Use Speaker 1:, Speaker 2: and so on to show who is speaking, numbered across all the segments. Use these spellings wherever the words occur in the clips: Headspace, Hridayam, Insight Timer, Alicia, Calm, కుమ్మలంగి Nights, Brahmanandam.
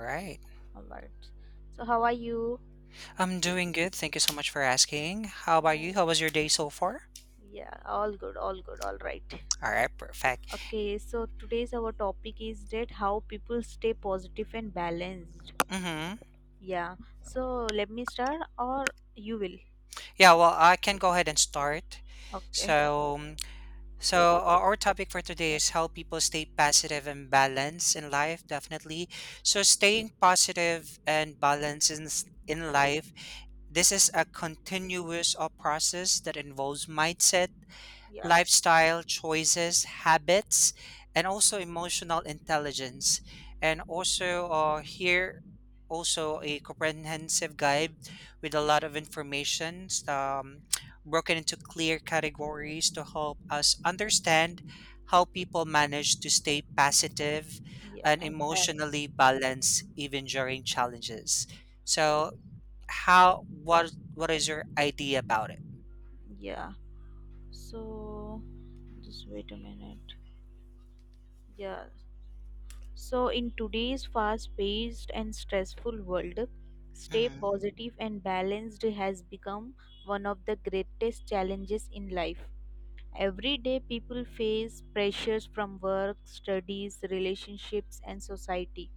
Speaker 1: Right.
Speaker 2: All right. So, how are you?
Speaker 1: I'm doing good. Thank you so much for asking. How about you? How was your day so far?
Speaker 2: Yeah, all good, all good, all right.
Speaker 1: All right, perfect.
Speaker 2: Okay, so today's our topic is that how people stay positive and balanced.
Speaker 1: Mm-hmm.
Speaker 2: Yeah, so let me start or you will.
Speaker 1: Yeah, well, I can go ahead and start.
Speaker 2: Okay,
Speaker 1: So, mm, so our topic for today is how people stay positive and balanced in life, definitely. So, staying positive and balanced in life, this is a continuous process that involves mindset,
Speaker 2: yeah,
Speaker 1: lifestyle choices, habits, and also emotional intelligence. And also here also a comprehensive guide with a lot of information, broken into clear categories to help us understand how people manage to stay positive
Speaker 2: yeah,
Speaker 1: and
Speaker 2: and
Speaker 1: emotionally balanced even during challenges.
Speaker 2: yeah,
Speaker 1: So how what is your idea about it?
Speaker 2: yeah. So, just wait a minute. Yeah, so, in today's fast paced and stressful world, stay
Speaker 1: Mm-hmm.
Speaker 2: positive and balanced has become one of the greatest challenges in life. Every day, people face pressures from work, studies, relationships, and society.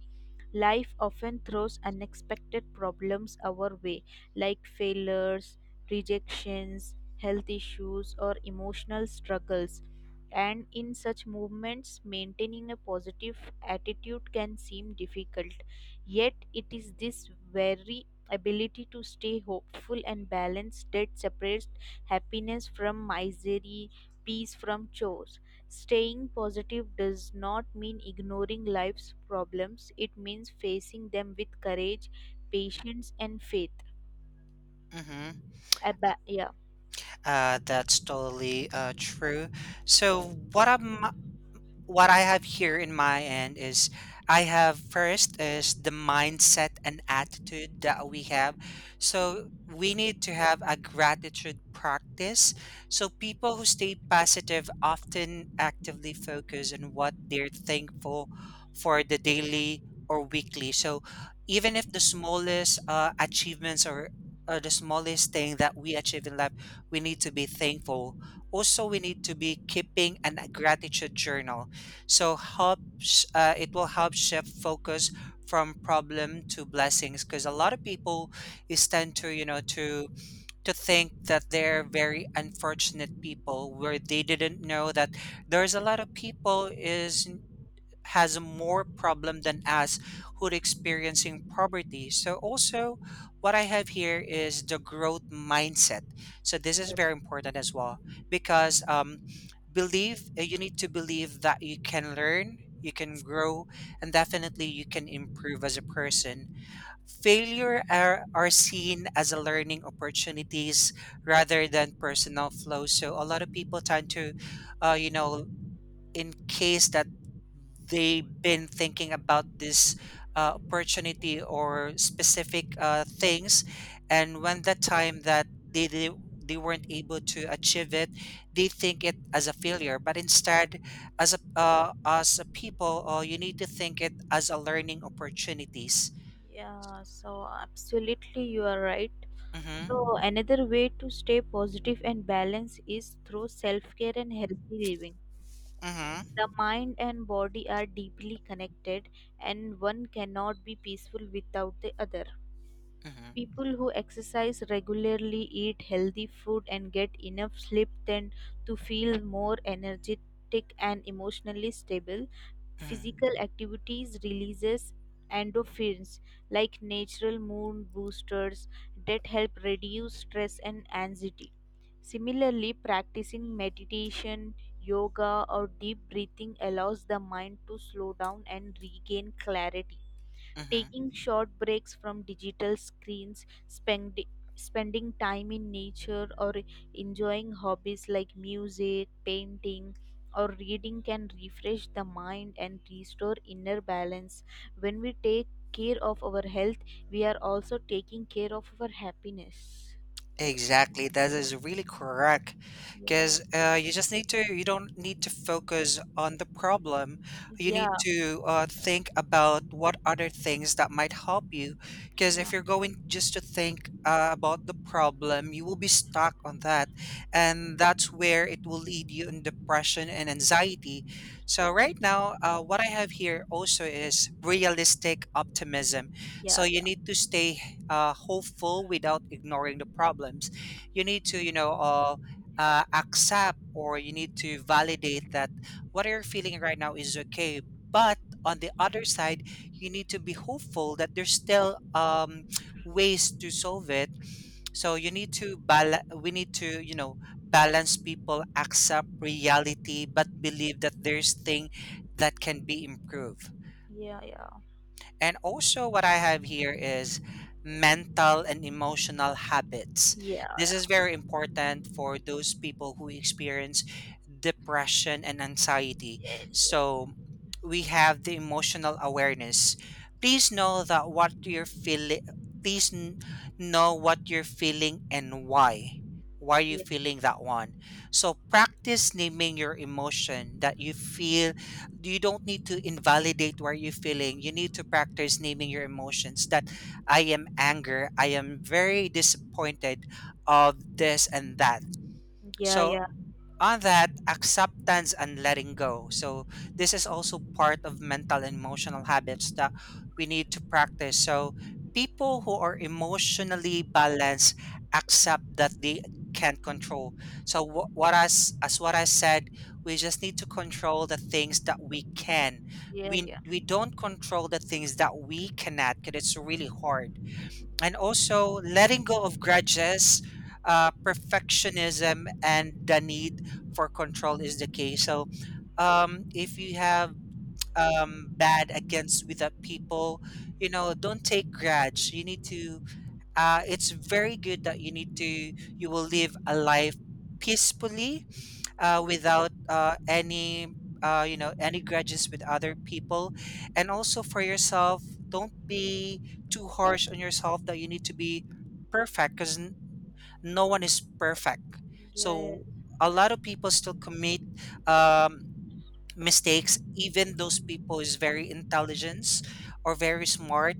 Speaker 2: Life often throws unexpected problems our way, like failures, rejections, health issues, or emotional struggles. And in such movements, maintaining a positive attitude can seem difficult. Yet, it is this very ability to stay hopeful and balanced that separates happiness from misery, peace from chores. Staying positive does not mean ignoring life's problems, it means facing them with courage, patience, and faith.
Speaker 1: Mhm.
Speaker 2: Yeah,
Speaker 1: That's totally true. So, what am what I have here in my end is, I have first is the mindset and attitude that we have. So we need to have a gratitude practice. So people who stay positive often actively focus on what they're thankful for the daily or weekly. So even if the smallest achievements or the smallest thing that we achieve in life, we need to be thankful. Also we need to be keeping an a gratitude journal, so helps, it will help shift focus from problem to blessings, because a lot of people is tend to, you know, to think that they're very unfortunate people, where they didn't know that there's a lot of people is has more problem than us who are experiencing poverty. So also what I have here is the growth mindset. So this is very important as well because, believe, you need to believe that you can learn, you can grow, and definitely you can improve as a person. Failure are seen as a learning opportunities rather than personal flaws. So a lot of people tend to, you know, in case that they've been thinking about this opportunity or specific things, and when the time that they weren't able to achieve it, they think it as a failure, but instead as a people, you need to think it as a learning opportunities.
Speaker 2: yeah, so absolutely you are right.
Speaker 1: Mm-hmm,
Speaker 2: So, another way to stay positive and balanced is through self care and healthy living.
Speaker 1: mm-hmm,
Speaker 2: The mind and body are deeply connected, and one cannot be peaceful without the other.
Speaker 1: mm-hmm,
Speaker 2: People who exercise regularly, eat healthy food, and get enough sleep tend to feel more energetic and emotionally stable.
Speaker 1: mm-hmm,
Speaker 2: Physical activities releases endorphins like natural mood boosters that help reduce stress and anxiety. Similarly, practicing meditation, yoga, or deep breathing allows the mind to slow down and regain clarity.
Speaker 1: mm-hmm.
Speaker 2: Taking short breaks from digital screens, spending time in nature or enjoying hobbies like music, painting or reading can refresh the mind and restore inner balance. When we take care of our health, we are also taking care of our happiness.
Speaker 1: Exactly, that is really correct.
Speaker 2: Yeah.
Speaker 1: Because you just need to, you don't need to focus on the problem. You
Speaker 2: Yeah,
Speaker 1: need to think about what other things that might help you. Because
Speaker 2: yeah.
Speaker 1: if you're going just to think about the problem, you will be stuck on that. And that's where it will lead you in depression and anxiety. So, right now, what I have here also is realistic optimism. So,
Speaker 2: Yeah,
Speaker 1: you
Speaker 2: yeah,
Speaker 1: need to stay hopeful without ignoring the problems. You need to, you know, accept or you need to validate that what you're feeling right now is okay. But on the other side, you need to be hopeful that there's still, ways to solve it. So you need to bal. We need to, you know, balance people, accept reality, but believe that there's thing that can be improved.
Speaker 2: yeah, yeah,
Speaker 1: And also, what I have here is mental and emotional habits.
Speaker 2: yeah,
Speaker 1: This is
Speaker 2: yeah.
Speaker 1: very important for those people who experience depression and anxiety.
Speaker 2: Yes, yes.
Speaker 1: So, we have the emotional awareness. Please know that what you're feeling, please n- know what you're feeling and why. Why are you
Speaker 2: Yeah,
Speaker 1: feeling that one? So practice naming your emotion that you feel, you don't need to invalidate where you're feeling. You need to practice naming your emotions, that I am anger, I am very disappointed of this and that.
Speaker 2: yeah,
Speaker 1: So
Speaker 2: yeah,
Speaker 1: on that acceptance and letting go, so this is also part of mental and emotional habits that we need to practice. So people who are emotionally balanced accept that they can't control, so wh- what as what I said, we just need to control the things that we can.
Speaker 2: yeah,
Speaker 1: we
Speaker 2: yeah.
Speaker 1: we don't control the things that we cannot because it's really hard. And also letting go of grudges, perfectionism, and the need for control is the key. So, if you have bad against with the people, you know, don't take grudge. You need to. It's very good that you need to. You will live a life peacefully, without any, you know, any grudges with other people. And also for yourself, don't be too harsh on yourself that you need to be perfect, because no one is perfect.
Speaker 2: Yeah.
Speaker 1: So a lot of people still commit, um, mistakes, even those people is very intelligent or very smart.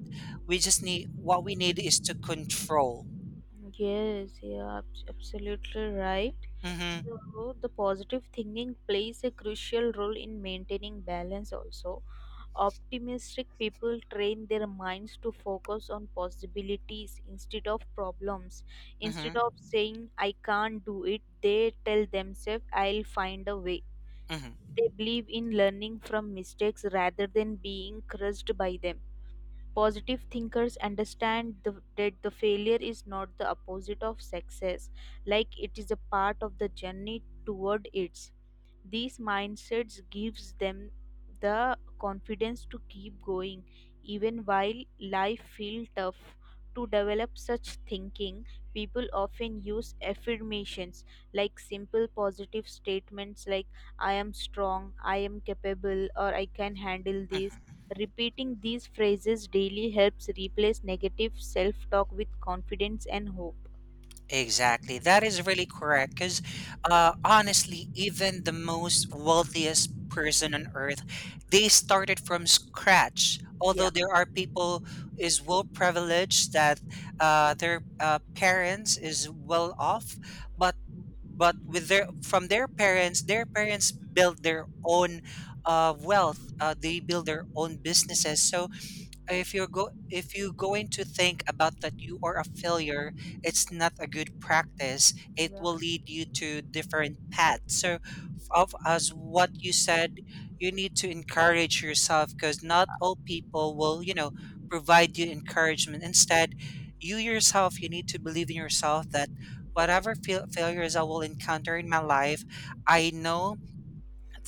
Speaker 1: We just need, what we need is to control.
Speaker 2: Yes, you're absolutely right.
Speaker 1: Mm-hmm,
Speaker 2: So, the positive thinking plays a crucial role in maintaining balance also. Optimistic people train their minds to focus on possibilities instead of problems. Instead
Speaker 1: mm-hmm,
Speaker 2: of saying, I can't do it, they tell themselves, I'll find a way.
Speaker 1: mm-hmm,
Speaker 2: They believe in learning from mistakes rather than being crushed by them. Positive thinkers understand that the failure is not the opposite of success, like it is a part of the journey toward it. These mindsets gives them the confidence to keep going even while life feels tough. To develop such thinking, people often use affirmations like simple positive statements like I am strong, I am capable, or I can handle this.
Speaker 1: mm-hmm.
Speaker 2: Repeating these phrases daily helps replace negative self talk with confidence and hope.
Speaker 1: Exactly. That is really correct. Because honestly, even the most wealthiest person on earth, they started from scratch. Although
Speaker 2: Yeah.
Speaker 1: there are people is well privileged that their parents is well off, but with their from their parents build their own wealth. They build their own businesses. So if you're going to think about that you are a failure, it's not a good practice, it
Speaker 2: Yeah.
Speaker 1: will lead you to different paths. So, of as what you said, you need to encourage yourself, because not all people will, you know, provide you encouragement. Instead, you yourself, you need to believe in yourself, that whatever failures I will encounter in my life, I know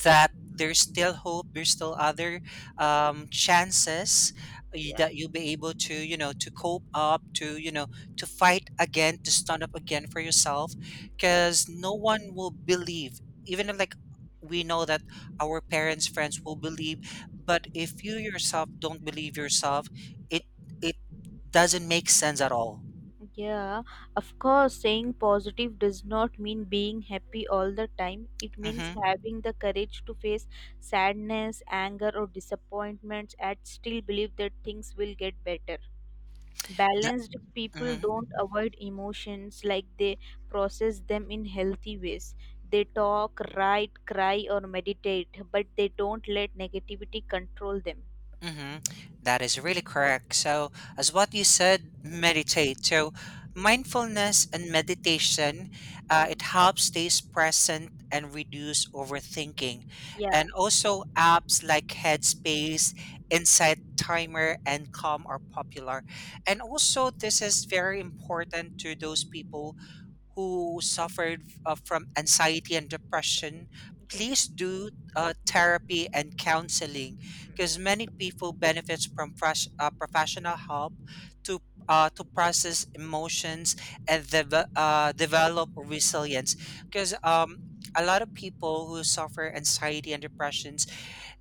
Speaker 1: that there's still hope, there's still other, chances,
Speaker 2: Yeah.
Speaker 1: that you'll be able to, you know, to cope up, to, you know, to fight again, to stand up again for yourself. Because no one will believe, even if, like, we know that our parents, friends will believe, but if you yourself don't believe yourself, it it doesn't make sense at all.
Speaker 2: Yeah, of course, saying positive does not mean being happy all the time. It means having the courage to face sadness, anger, or disappointments and still believe that things will get better. Balanced people
Speaker 1: Mm-hmm.
Speaker 2: don't avoid emotions like they process them in healthy ways. They talk, write, cry, or meditate, but they don't let negativity control them.
Speaker 1: Mm-hmm. That is really correct. So, as what you said, meditate. So, mindfulness and meditation,
Speaker 2: Yeah.
Speaker 1: it helps stays present and reduce overthinking.
Speaker 2: Yeah.
Speaker 1: And also, apps like Headspace, Insight Timer, and Calm are popular. And also, this is very important to those people who suffered from anxiety and depression,
Speaker 2: Yeah.
Speaker 1: please do therapy and counseling, because many people benefits from fresh, professional help to to process emotions and develop resilience. Because, a lot of people who suffer anxiety and depressions,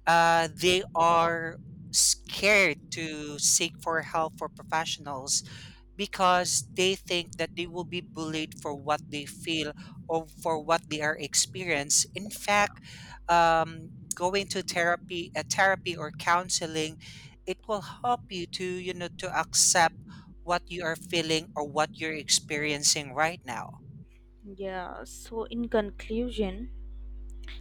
Speaker 1: they are scared to seek for help for professionals, because they think that they will be bullied for what they feel or for what they are experienced. In fact, going to therapy, a therapy or counseling, it will help you to, you know, to accept what you are feeling or what you're experiencing right now.
Speaker 2: Yeah. So, in conclusion,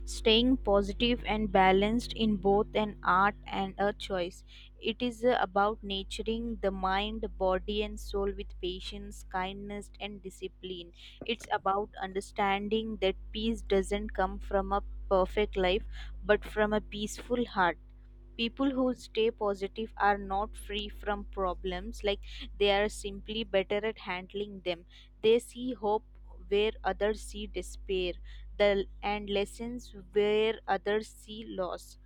Speaker 2: staying positive and balanced in both an art and a choice. It is about nurturing the mind, body, and soul with patience, kindness, and discipline. It's about understanding that peace doesn't come from a perfect life but from a peaceful heart. People who stay positive are not free from problems, like they are simply better at handling them. They see hope where others see despair, the and lessons where others see loss.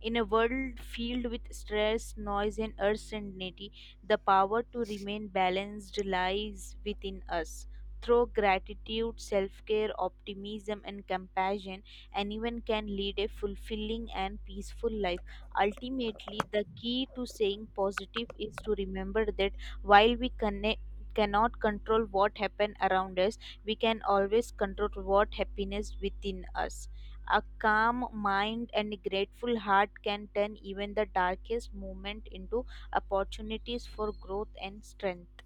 Speaker 2: In a world filled with stress, noise, and uncertainty, the power to remain balanced lies within us. Through gratitude, self care, optimism, and compassion, anyone can lead a fulfilling and peaceful life. Ultimately, the key to staying positive is to remember that while we connect, cannot control what happens around us, we can always control what happiness within us. A calm mind and a grateful heart can turn even the darkest moment into opportunities for growth and strength.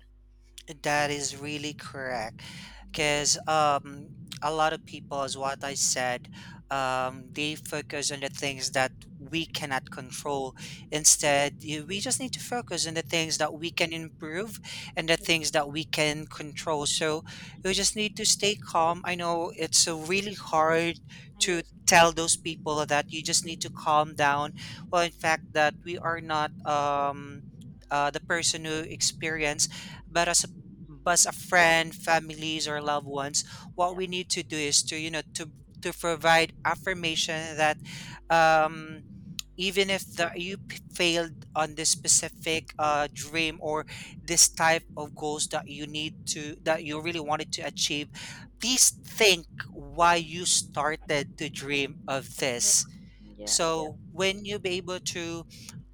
Speaker 1: That is really correct. Because, a lot of people, as what I said, they focus on the things that we cannot control. Instead, we just need to focus on the things that we can improve and the things that we can control. So we just need to stay calm. I know it's so really hard to
Speaker 2: Yes.
Speaker 1: tell those people that you just need to calm down. Well, in fact, that we are not. The person who experience, but as a, but a friend, families, or loved ones, what
Speaker 2: Yeah.
Speaker 1: we need to do is to, you know, to provide affirmation that, um, even if the, failed on this specific dream or this type of goals that you need to that you really wanted to achieve, please think why you started to dream of
Speaker 2: Yeah.
Speaker 1: this. So when you be able to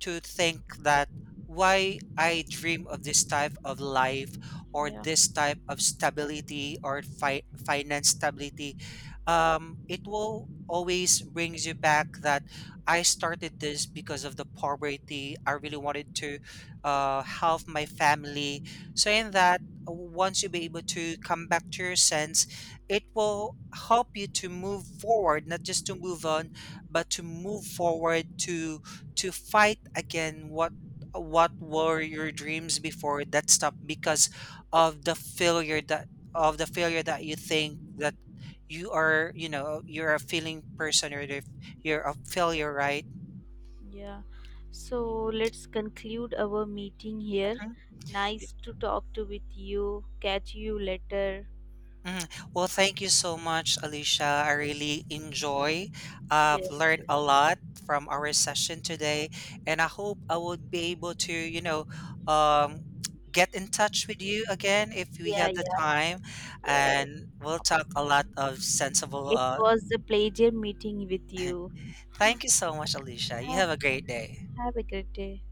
Speaker 1: think that why I dream of this type of life or this type of stability or finance stability, it will always brings you back, that I started this because of the poverty. I really wanted to help my family. So in that, once you be able to come back to your sense, it will help you to move forward, not just to move on, but to move forward to fight again, what were your dreams before that stopped because of the failure that of the failure that you think that you are, you know, you're a failing person, or if you're a
Speaker 2: Yeah.
Speaker 1: failure, right?
Speaker 2: Yeah. So let's conclude our meeting here.
Speaker 1: Mhm.
Speaker 2: Nice to talk to with you. Catch you later.
Speaker 1: Mhm. Well, thank you so much, Alicia. I really enjoy. I've
Speaker 2: Yes.
Speaker 1: learned a lot from our session today, and I hope I would be able to, you know, um, get in touch with you again if we
Speaker 2: Yeah,
Speaker 1: have the
Speaker 2: yeah.
Speaker 1: time,
Speaker 2: Yes.
Speaker 1: and we'll talk a lot of sensible.
Speaker 2: It was a pleasure meeting with you.
Speaker 1: Thank you so much, Alicia. You
Speaker 2: Thank
Speaker 1: have a great
Speaker 2: you.
Speaker 1: day.
Speaker 2: Have a great day.